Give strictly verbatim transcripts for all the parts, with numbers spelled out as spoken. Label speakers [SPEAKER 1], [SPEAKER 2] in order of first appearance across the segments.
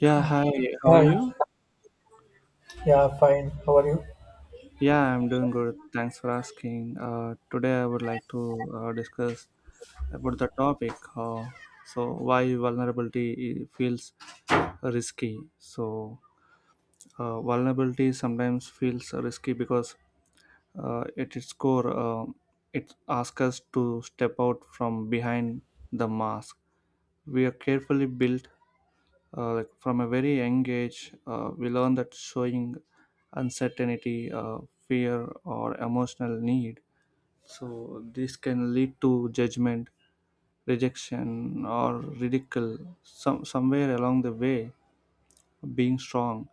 [SPEAKER 1] Yeah, hi, how are
[SPEAKER 2] Hi.
[SPEAKER 1] you?
[SPEAKER 2] Yeah, fine. How are you?
[SPEAKER 1] Yeah, I'm doing good. Thanks for asking. Uh, today, I would like to uh, discuss about the topic. Uh, so, why vulnerability i- feels risky. So, uh, vulnerability sometimes feels risky because uh, at its core, uh, it asks us to step out from behind the mask. We are carefully built, uh, like from a very young age, uh, we learn that showing uncertainty, uh, fear or emotional need, so this can lead to judgment, rejection or ridicule. Some somewhere along the way, being strong,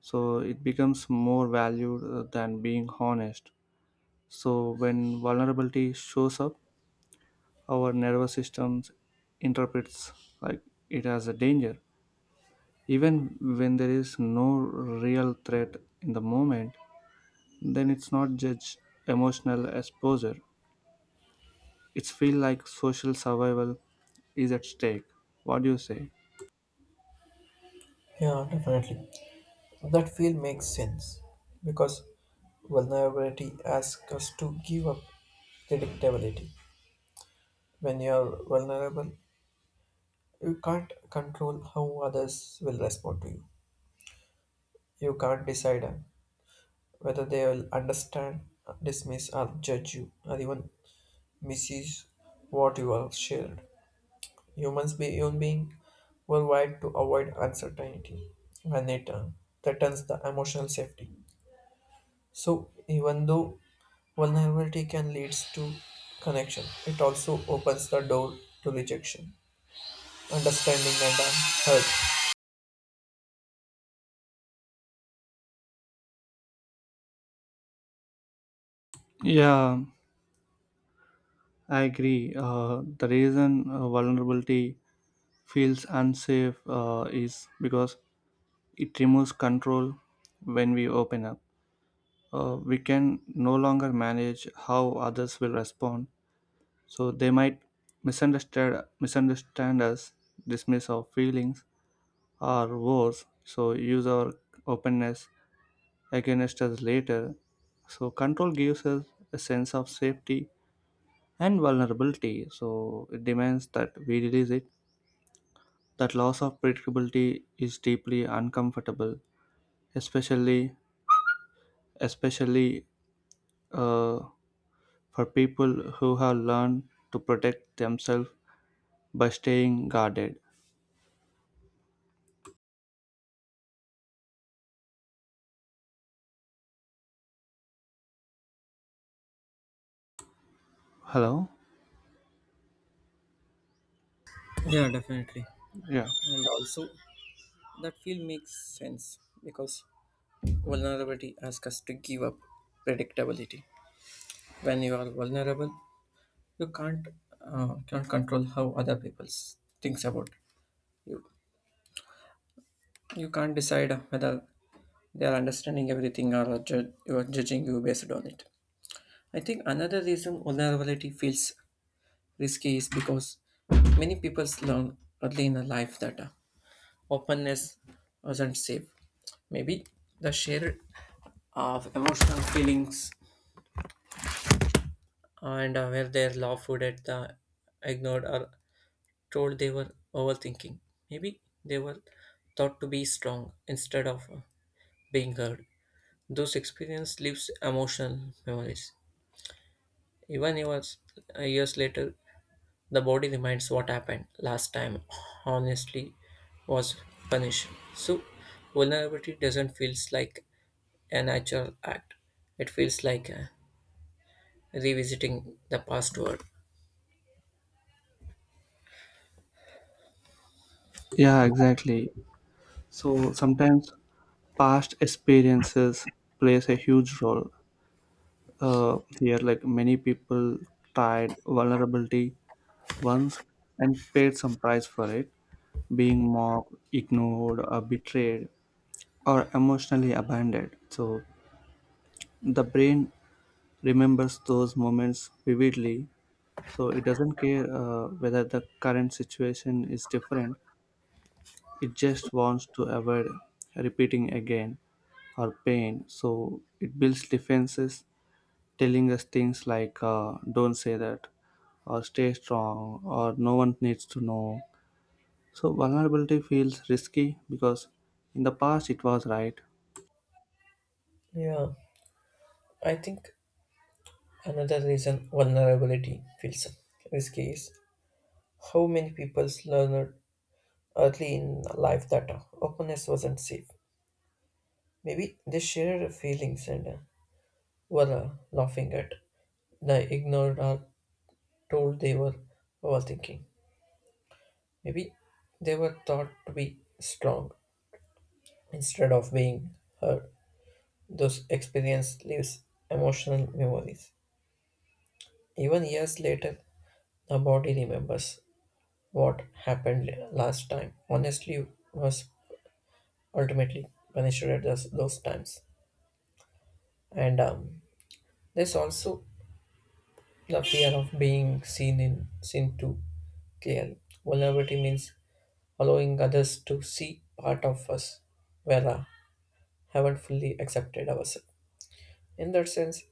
[SPEAKER 1] so it becomes more valued uh, than being honest. So when vulnerability shows up, our nervous systems interprets, like, it as a danger, even when there is no real threat in the moment. Then it's not just emotional exposure, it's feel like social survival is at stake. What do you say?
[SPEAKER 2] Yeah, definitely. That feel makes sense because vulnerability asks us to give up predictability. When you're vulnerable, you can't control how others will respond to you. You can't decide uh, whether they will understand, dismiss, or judge you, or even misuse what you have shared. Humans be human being were wired to avoid uncertainty when they turn. Threatens the emotional safety. So even though vulnerability can lead to connection, it also opens the door to rejection, understanding, and um, hurt.
[SPEAKER 1] Yeah, I agree. Uh, the reason uh, vulnerability feels unsafe uh, is because it removes control. When we open up, uh, we can no longer manage how others will respond, so they might misunderstand misunderstand us, dismiss our feelings, or worse, so use our openness against us later. So control gives us a sense of safety, and vulnerability, so it demands that we release it. That loss of predictability is deeply uncomfortable, especially especially uh, for people who have learned to protect themselves by staying guarded. Hello?
[SPEAKER 2] Yeah, definitely.
[SPEAKER 1] Yeah.
[SPEAKER 2] And also, that feel makes sense because vulnerability asks us to give up predictability. When you are vulnerable, you can't uh, can't control how other people thinks about you. You can't decide whether they are understanding everything or ju- you are judging you based on it. I think another reason vulnerability feels risky is because many people learn early in life that uh, openness wasn't safe. Maybe the share of emotional feelings and uh, where they're lawful at the ignored or told they were overthinking. Maybe they were thought to be strong instead of uh, being heard. Those experiences leaves emotional memories. Even years, years later, the body reminds what happened last time. Honestly, was punished. So, vulnerability doesn't feels like a natural act. It feels like uh, revisiting the past world.
[SPEAKER 1] Yeah, exactly. So sometimes past experiences plays a huge role uh, here. Like many people tried vulnerability once and paid some price for it, being mocked, ignored, or betrayed, or emotionally abandoned. So the brain remembers those moments vividly. So it doesn't care uh, whether the current situation is different. It just wants to avoid repeating again. Or pain. So it builds defenses, telling us things like uh, don't say that, or stay strong, or no one needs to know. So vulnerability feels risky because in the past it was right.
[SPEAKER 2] Yeah, I think another reason vulnerability feels risky is how many people learned early in life that openness wasn't safe. Maybe they shared feelings and uh, were uh, laughing at. The ignored are told they were overthinking. Maybe they were thought to be strong instead of being hurt. Those experience leaves emotional memories. Even years later, the body remembers what happened la- last time. Honestly, was ultimately punished at those, those times. And um, there's also the fear of being seen in seen too clearly. Vulnerability means allowing others to see part of us where I haven't fully accepted ourselves. In that sense,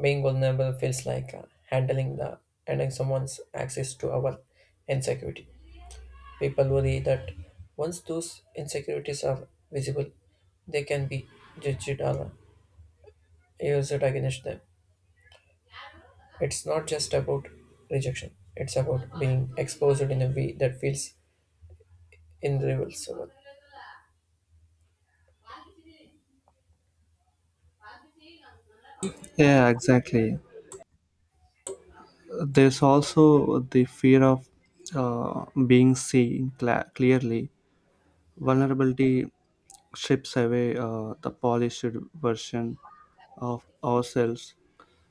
[SPEAKER 2] being vulnerable feels like uh, handling the handing someone's access to our insecurity. People worry that once those insecurities are visible, they can be judged or used against them. It's not just about rejection, it's about being exposed in a way that feels irreversible.
[SPEAKER 1] Yeah, exactly. There's also the fear of uh, being seen cla clearly. Vulnerability strips away uh, the polished version of ourselves.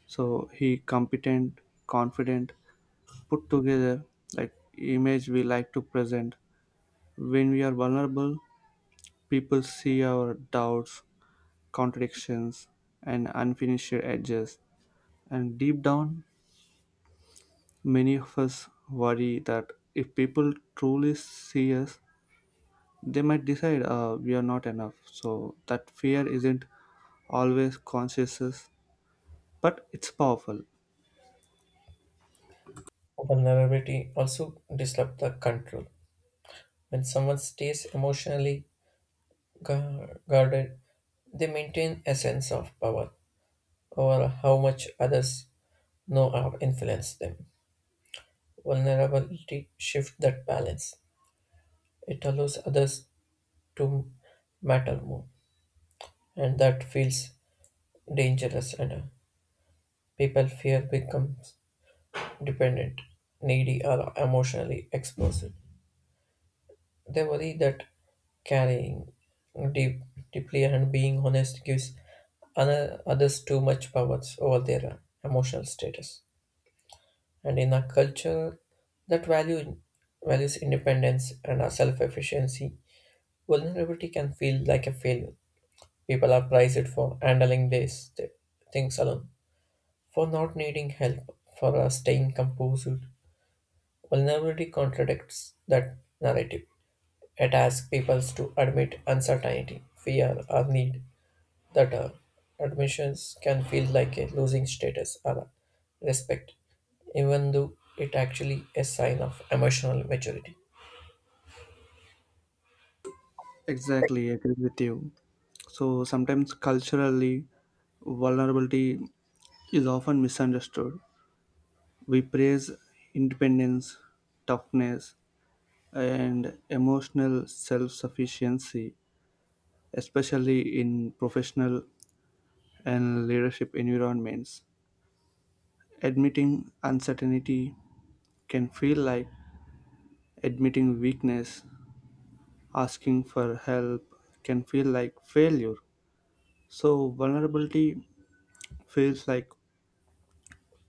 [SPEAKER 1] So he competent, confident, put together, like, image we like to present. When we are vulnerable, people see our doubts, contradictions, and unfinished edges, and deep down many of us worry that if people truly see us, they might decide uh, we are not enough. So that fear isn't always conscious, but it's powerful.
[SPEAKER 2] Vulnerability also disrupts the control. When someone stays emotionally gu- guarded, they maintain a sense of power over how much others know or influence them. Vulnerability shifts that balance. It allows others to matter more, and that feels dangerous. And uh, people fear becomes dependent, needy, or emotionally exposed. They worry that carrying deep, deeply and being honest gives other, others too much power over their emotional status. And in a culture that value, values independence and self efficiency, vulnerability can feel like a failure. People are prized for handling these th- things alone, for not needing help, for uh, staying composed. Vulnerability contradicts that narrative. It asks people to admit uncertainty, fear, or need that uh, admissions can feel like a losing status or respect, even though it actually a sign of emotional maturity.
[SPEAKER 1] Exactly, I agree with you. So sometimes culturally, vulnerability is often misunderstood. We praise independence, toughness, and emotional self sufficiency, especially in professional and leadership environments. Admitting uncertainty can feel like admitting weakness, asking for help can feel like failure. So, vulnerability feels like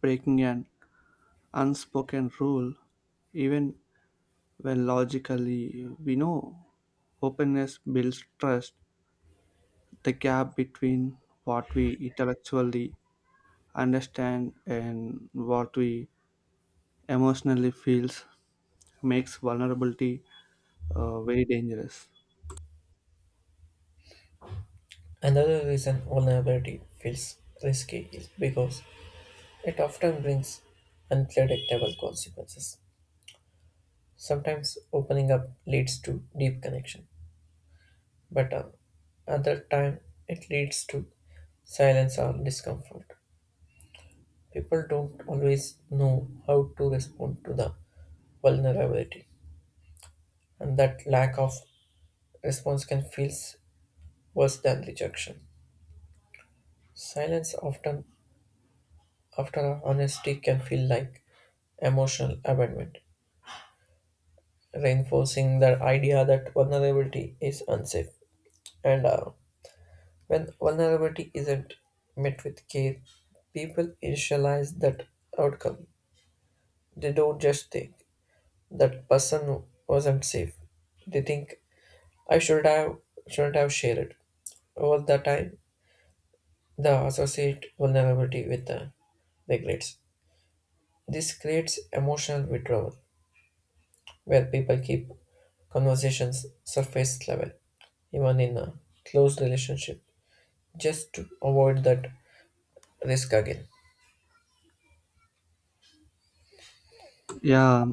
[SPEAKER 1] breaking an unspoken rule, even when logically we know openness builds trust. The gap between what we intellectually understand and what we emotionally feels makes vulnerability uh, very dangerous.
[SPEAKER 2] Another reason vulnerability feels risky is because it often brings unpredictable consequences. Sometimes opening up leads to deep connection, but uh, other time it leads to silence or discomfort. People don't always know how to respond to the vulnerability, and that lack of response can feel worse than rejection. Silence often after honesty can feel like emotional abandonment, reinforcing the idea that vulnerability is unsafe. And uh, when vulnerability isn't met with care, people initialize that outcome. They don't just think that person wasn't safe. They think I should have shouldn't have shared. Over the time, the associate vulnerability with the regrets. This creates emotional withdrawal, where people keep conversations surface level, even in a close relationship, just to avoid that risk again.
[SPEAKER 1] Yeah,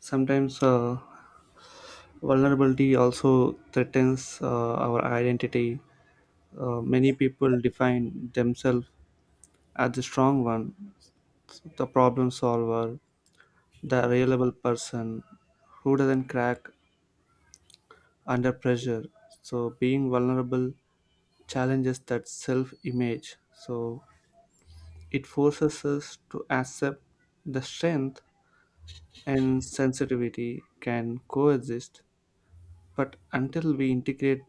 [SPEAKER 1] sometimes uh, vulnerability also threatens uh, our identity. Uh, many people define themselves as the strong one, the problem solver, the reliable person who doesn't crack under pressure. So being vulnerable challenges that self image. So it forces us to accept the strength and sensitivity can coexist. But until we integrate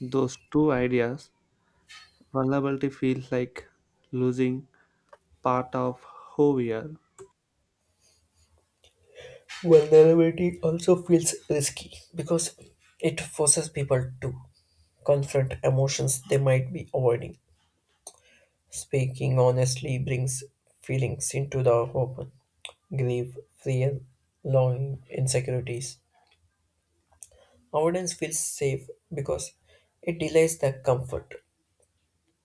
[SPEAKER 1] those two ideas, vulnerability feels like losing part of who we are.
[SPEAKER 2] Vulnerability also feels risky because it forces people to confront emotions they might be avoiding. Speaking honestly brings feelings into the open: grief, fear, longing, insecurities. Avoidance feels safe because it delays the comfort,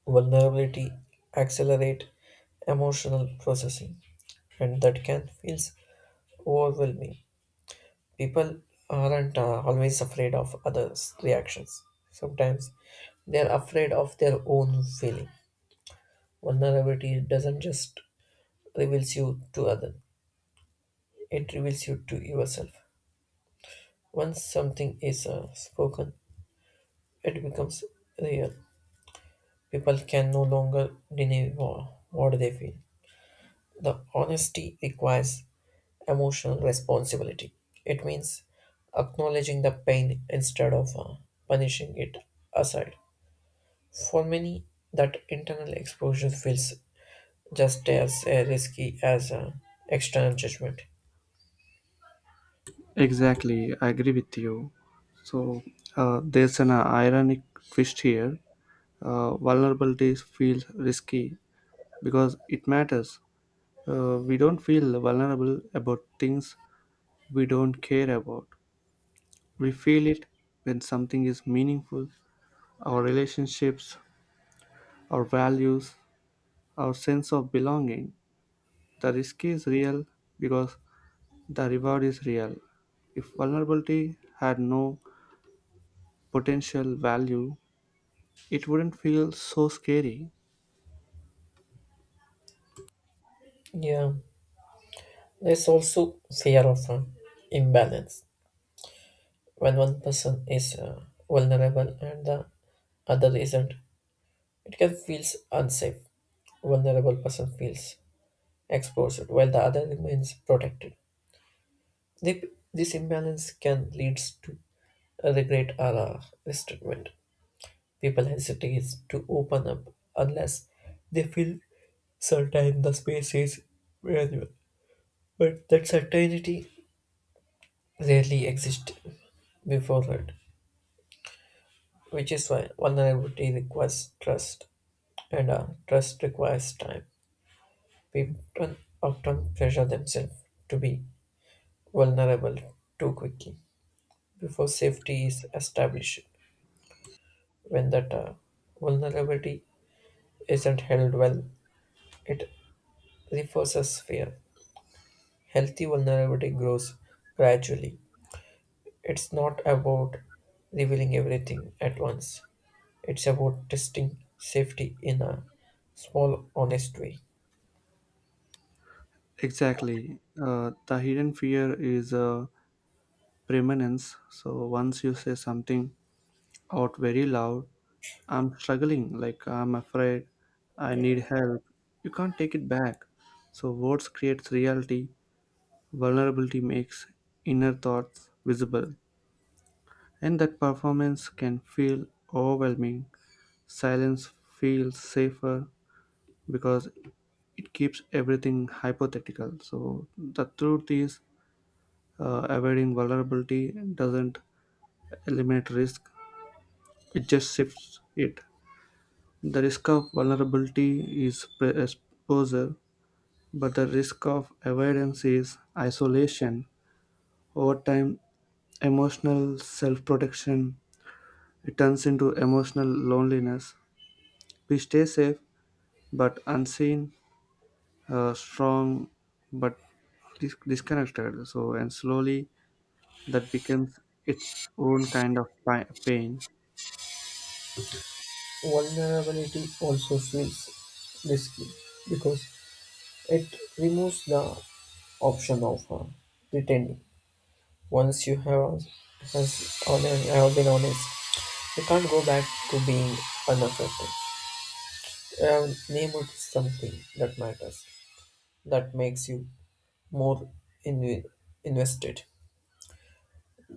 [SPEAKER 2] vulnerability, accelerate emotional processing, and that can feel overwhelming. People aren't uh, always afraid of others' reactions. Sometimes they are afraid of their own feeling. Vulnerability doesn't just reveals you to others. It reveals you to yourself. Once something is uh, spoken, it becomes real. People can no longer deny wha- what they feel. The honesty requires emotional responsibility. It means acknowledging the pain instead of uh, punishing it aside. For many, that internal exposure feels just as uh, risky as uh, external judgment.
[SPEAKER 1] Exactly, I agree with you. So uh, there's an ironic twist here. Uh, vulnerability feels risky because it matters. Uh, we don't feel vulnerable about things we don't care about. We feel it when something is meaningful, our relationships, our values, our sense of belonging. The risk is real because the reward is real. If vulnerability had no potential value, it wouldn't feel so scary.
[SPEAKER 2] Yeah, there's also fear of uh, imbalance. When one person is uh, vulnerable and the other isn't, it can feel unsafe. Vulnerable person feels exposed while the other remains protected. Thi- This imbalance can lead to a regret or a resentment. People hesitate to open up unless they feel certain the space is valuable. But that certainty rarely exists before it, which is why vulnerability requires trust. And uh, trust requires time. People often pressure themselves to be vulnerable too quickly before safety is established. When that uh, vulnerability isn't held well, it reinforces fear. Healthy vulnerability grows gradually. It's not about revealing everything at once, it's about testing safety in a small, honest way.
[SPEAKER 1] Exactly. Uh, the hidden fear is uh, permanence. So once you say something out very loud, I'm struggling, like, I'm afraid, I need help. You can't take it back. So, words creates reality, vulnerability makes inner thoughts visible, and that performance can feel overwhelming. Silence feels safer because it keeps everything hypothetical. So, the truth is, uh, avoiding vulnerability doesn't eliminate risk, it just shifts it. The risk of vulnerability is pre- exposure, but the risk of avoidance is isolation. Over time, emotional self protection turns into emotional loneliness. We stay safe but unseen, uh, strong but dis- disconnected. So, and slowly that becomes its own kind of pi- pain.
[SPEAKER 2] Vulnerability also feels risky because it removes the option of uh, pretending. Once you have, has on, have been honest, you can't go back to being unaffected. Uh, name it something that matters, that makes you more in, invested,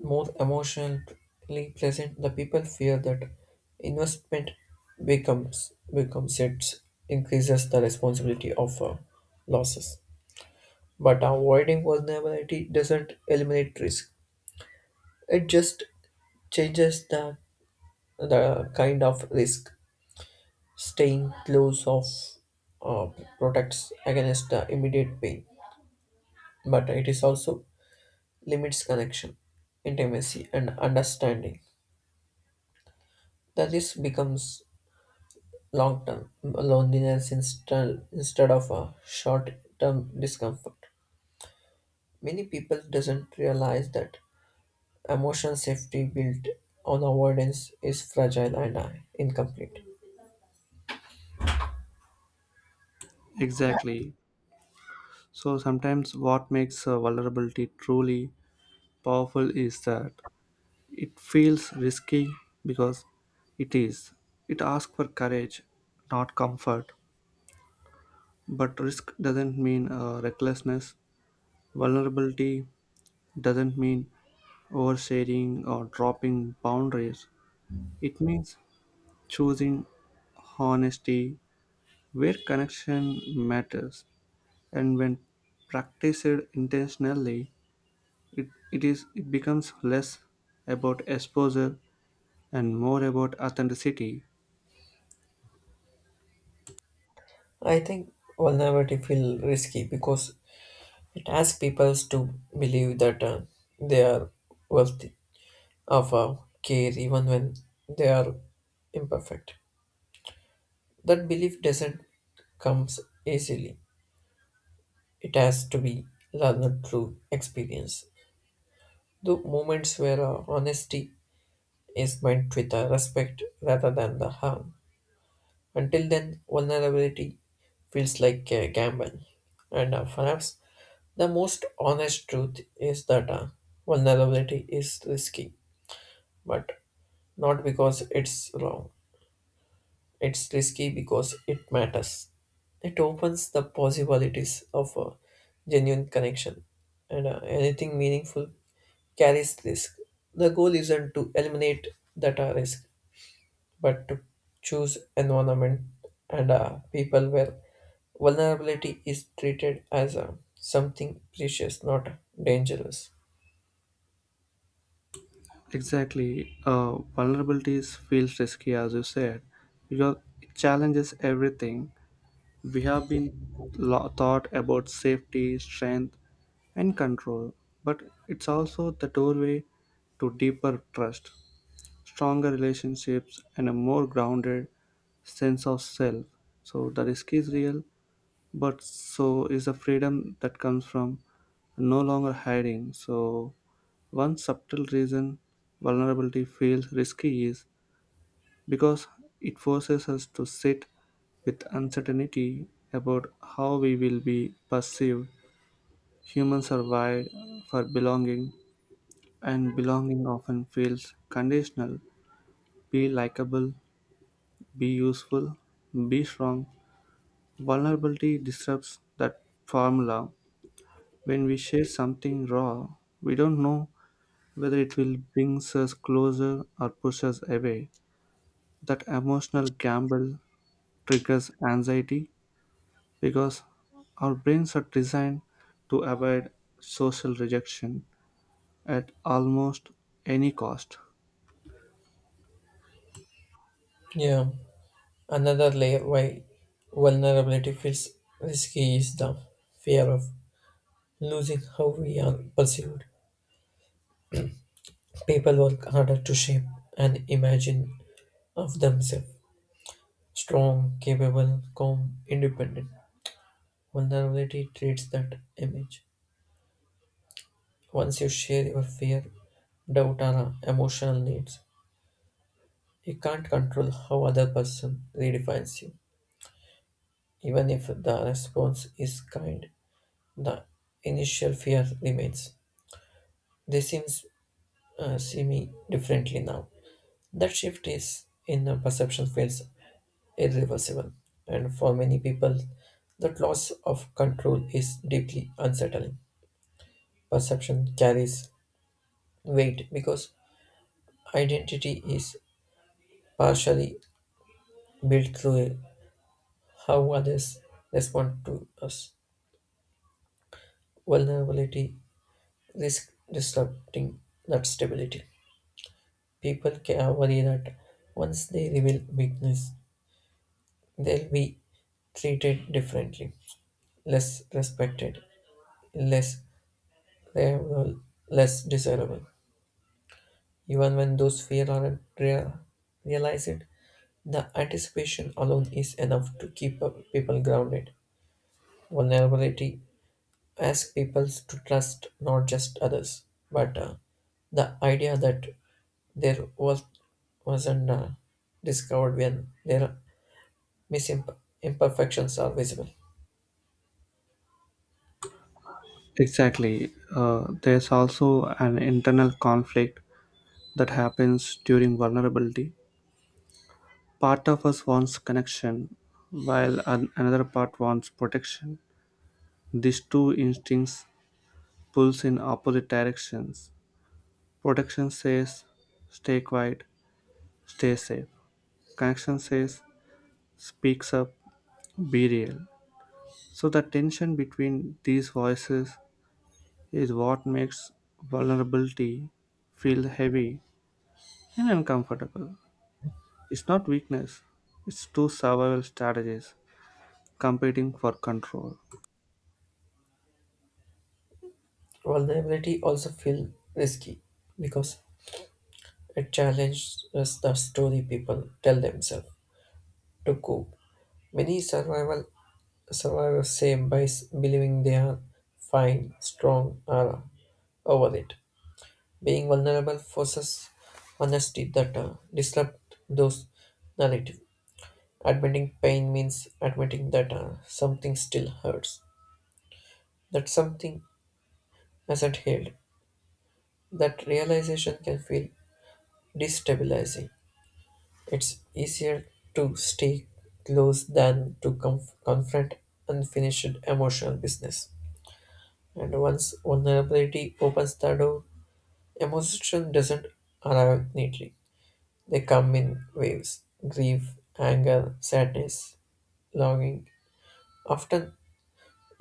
[SPEAKER 2] more emotionally present. The people fear that investment becomes becomes it increases the responsibility of uh, losses. But avoiding vulnerability doesn't eliminate risk. It just changes the the kind of risk. Staying close of uh, protects against the immediate pain, but it is also limits connection, intimacy, and understanding. The risk becomes long term loneliness instead instead of a short term discomfort. Many people doesn't realize that emotional safety built on avoidance is fragile and uh, incomplete.
[SPEAKER 1] Exactly. So, sometimes what makes uh, vulnerability truly powerful is that it feels risky because it is. It asks for courage, not comfort. But risk doesn't mean uh, recklessness. Vulnerability doesn't mean oversharing or dropping boundaries. It means choosing honesty where connection matters. And when practiced intentionally, it, it, is, it becomes less about exposure and more about authenticity.
[SPEAKER 2] I think vulnerability feels risky because it asks people to believe that uh, they are worthy of uh, care even when they are imperfect. That belief doesn't comes easily. It has to be learned through experience. The moments where uh, honesty is meant with uh, respect rather than the harm. Until then, vulnerability feels like a gamble. And uh, perhaps the most honest truth is that uh, vulnerability is risky, but not because it's wrong. It's risky because it matters. It opens the possibilities of a genuine connection, and uh, anything meaningful carries risk. The goal isn't to eliminate that uh, risk, but to choose environment and uh, people where vulnerability is treated as uh, something precious, not dangerous.
[SPEAKER 1] Exactly. Uh, vulnerabilities feels risky, as you said, because it challenges everything we have been lo- taught about safety, strength, and control. But it's also the doorway to deeper trust, stronger relationships, and a more grounded sense of self. So the risk is real, but so is the freedom that comes from no longer hiding. So, one subtle reason vulnerability feels risky is because it forces us to sit with uncertainty about how we will be perceived. Humans are wired for belonging, and belonging often feels conditional. Be likable, be useful, be strong. Vulnerability disrupts that formula. When we share something raw, we don't know whether it will bring us closer or push us away. That emotional gamble triggers anxiety because our brains are designed to avoid social rejection at almost any cost.
[SPEAKER 2] Yeah, another layer why vulnerability feels risky is the fear of losing how we are perceived. People work harder to shape an imagine of themselves: strong, capable, calm, independent. Vulnerability treats that image. Once you share your fear, doubt, or emotional needs, you can't control how other person redefines you. Even if the response is kind, the initial fear remains. They seems uh, see me differently now. That shift is in the perception feels irreversible, and for many people, that loss of control is deeply unsettling. Perception carries weight because identity is partially built through how others respond to us. Vulnerability risk disrupting that stability. People can worry that once they reveal weakness, they'll be treated differently, less respected, less reliable, less desirable. Even when those fear aren't rea- realize it, the anticipation alone is enough to keep uh, people grounded. Vulnerability ask people to trust not just others, but uh, the idea that there was wasn't uh, discovered when their misimp- imperfections are visible.
[SPEAKER 1] Exactly. Uh, there's also an internal conflict that happens during vulnerability. Part of us wants connection, while an- another part wants protection. These two instincts pull in opposite directions. Protection says stay quiet, stay safe. Connection says speaks up, be real. So the tension between these voices is what makes vulnerability feel heavy and uncomfortable. It's not weakness, it's two survival strategies competing for control.
[SPEAKER 2] Vulnerability also feel risky because it challenges the story people tell themselves to cope. Many survival survivors say by s- believing they are fine, strong, or over it. Being vulnerable forces honesty that uh, disrupt those narrative. Admitting pain means admitting that uh, something still hurts, that something hasn't healed. That realization can feel destabilizing. It's easier to stay close than to conf- confront unfinished emotional business. And once vulnerability opens the door, emotion doesn't arrive neatly. They come in waves: grief, anger, sadness, longing, often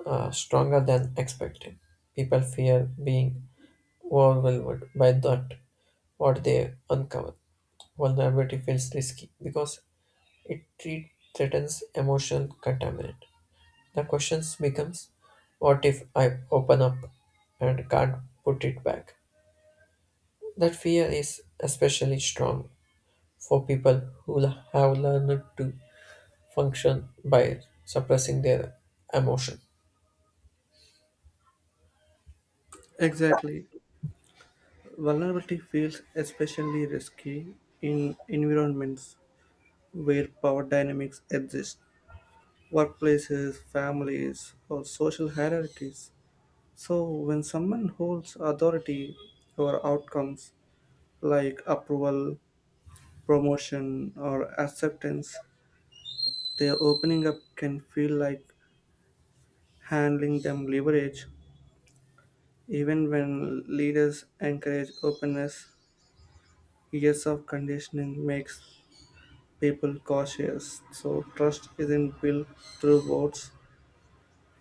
[SPEAKER 2] uh, stronger than expected. People fear being overwhelmed by that what they uncover. Vulnerability feels risky because it treat, threatens emotional contaminant. The questions becomes, what if I open up and can't put it back? That fear is especially strong for people who have learned to function by suppressing their emotion.
[SPEAKER 1] Exactly. Vulnerability feels especially risky in environments where power dynamics exist, workplaces, families, or social hierarchies. So, when someone holds authority over outcomes like approval, promotion, or acceptance, their opening up can feel like handling them leverage. Even when leaders encourage openness, years of conditioning makes people cautious. So, trust isn't built through votes,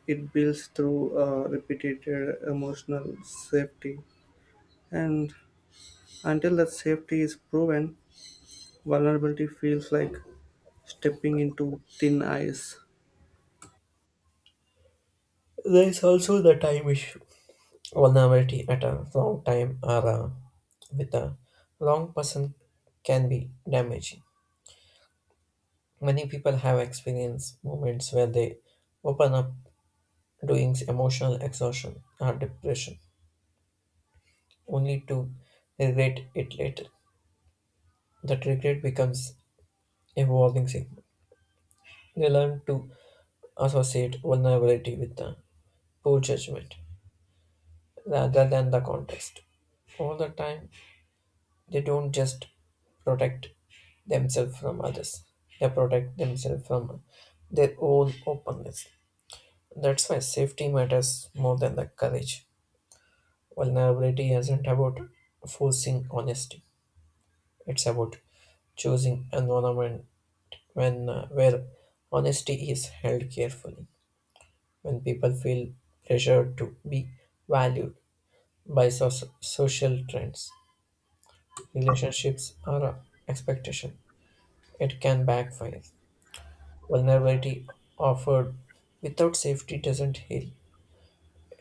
[SPEAKER 1] it builds through uh, repeated emotional safety, and until that safety is proven, vulnerability feels like stepping into thin ice.
[SPEAKER 2] There is also the time issue. Vulnerability at a long time or uh, with a long person can be damaging. Many people have experienced moments where they open up doing emotional exhaustion or depression only to regret it later. That regret becomes a warning signal. They learn to associate vulnerability with uh, poor judgment rather than the context. All the time, they don't just protect themselves from others, they protect themselves from their own openness. That's why safety matters more than the courage. Vulnerability isn't about forcing honesty, it's about choosing environment when uh, where honesty is held carefully when people feel pressured to be valued by so- social trends. Relationships are expectation; it can backfire. Vulnerability offered without safety doesn't heal;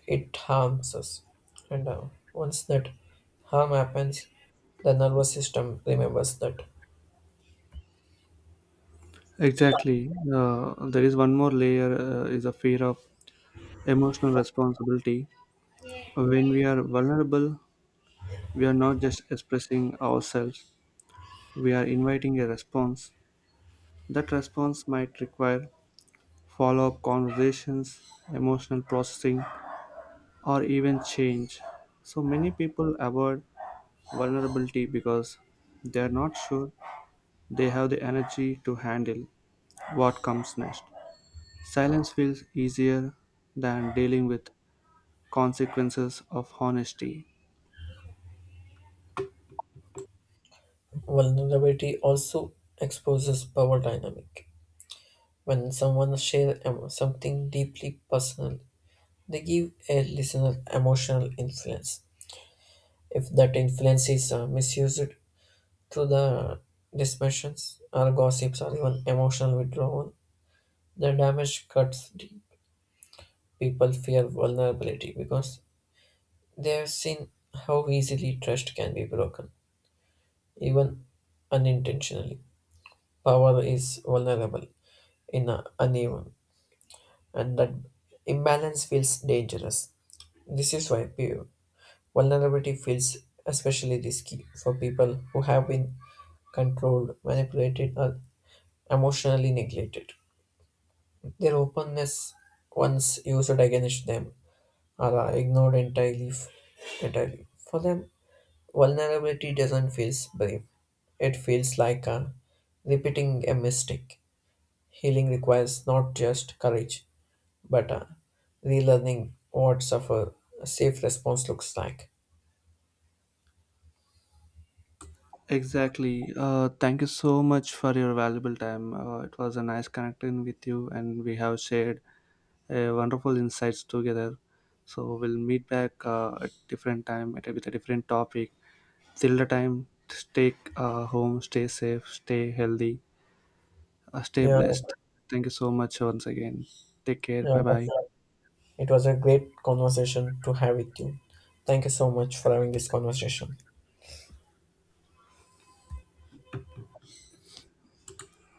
[SPEAKER 2] it harms us. And uh, once that harm happens, the nervous system remembers that
[SPEAKER 1] Exactly. Uh, there is one more layer, uh, is a fear of emotional responsibility. When we are vulnerable, we are not just expressing ourselves, we are inviting a response. That response might require follow up conversations, emotional processing, or even change. So many people avoid vulnerability because they are not sure they have the energy to handle what comes next. Silence feels easier than dealing with consequences of honesty.
[SPEAKER 2] vulnerability also exposes power dynamic. When someone shares something deeply personal, they give a listener emotional influence. If that influence is uh, misused, to the dispersions or gossips or even emotional withdrawal, the damage cuts deep. People fear vulnerability because they have seen how easily trust can be broken, even unintentionally. Power is vulnerable in a uneven, and that imbalance feels dangerous. This is why pe- vulnerability feels especially risky for people who have been controlled, manipulated, or emotionally neglected. Their openness, once used against them, are ignored entirely. F- entirely. For them, vulnerability doesn't feel brave. It feels like a repeating a mistake. Healing requires not just courage, but uh, relearning what suffer a safe response looks like.
[SPEAKER 1] Exactly. Uh, thank you so much for your valuable time. Uh, it was a nice connecting with you, and we have shared uh, wonderful insights together. So we'll meet back uh, at different time at a, with a different topic. Till the time, stay uh, home, stay safe, stay healthy, uh, stay
[SPEAKER 2] Yeah,
[SPEAKER 1] blessed. Thank you so much once again. Take care.
[SPEAKER 2] yeah,
[SPEAKER 1] Bye
[SPEAKER 2] that's
[SPEAKER 1] bye.
[SPEAKER 2] right. It was a great conversation to have with you. Thank you so much for having this conversation.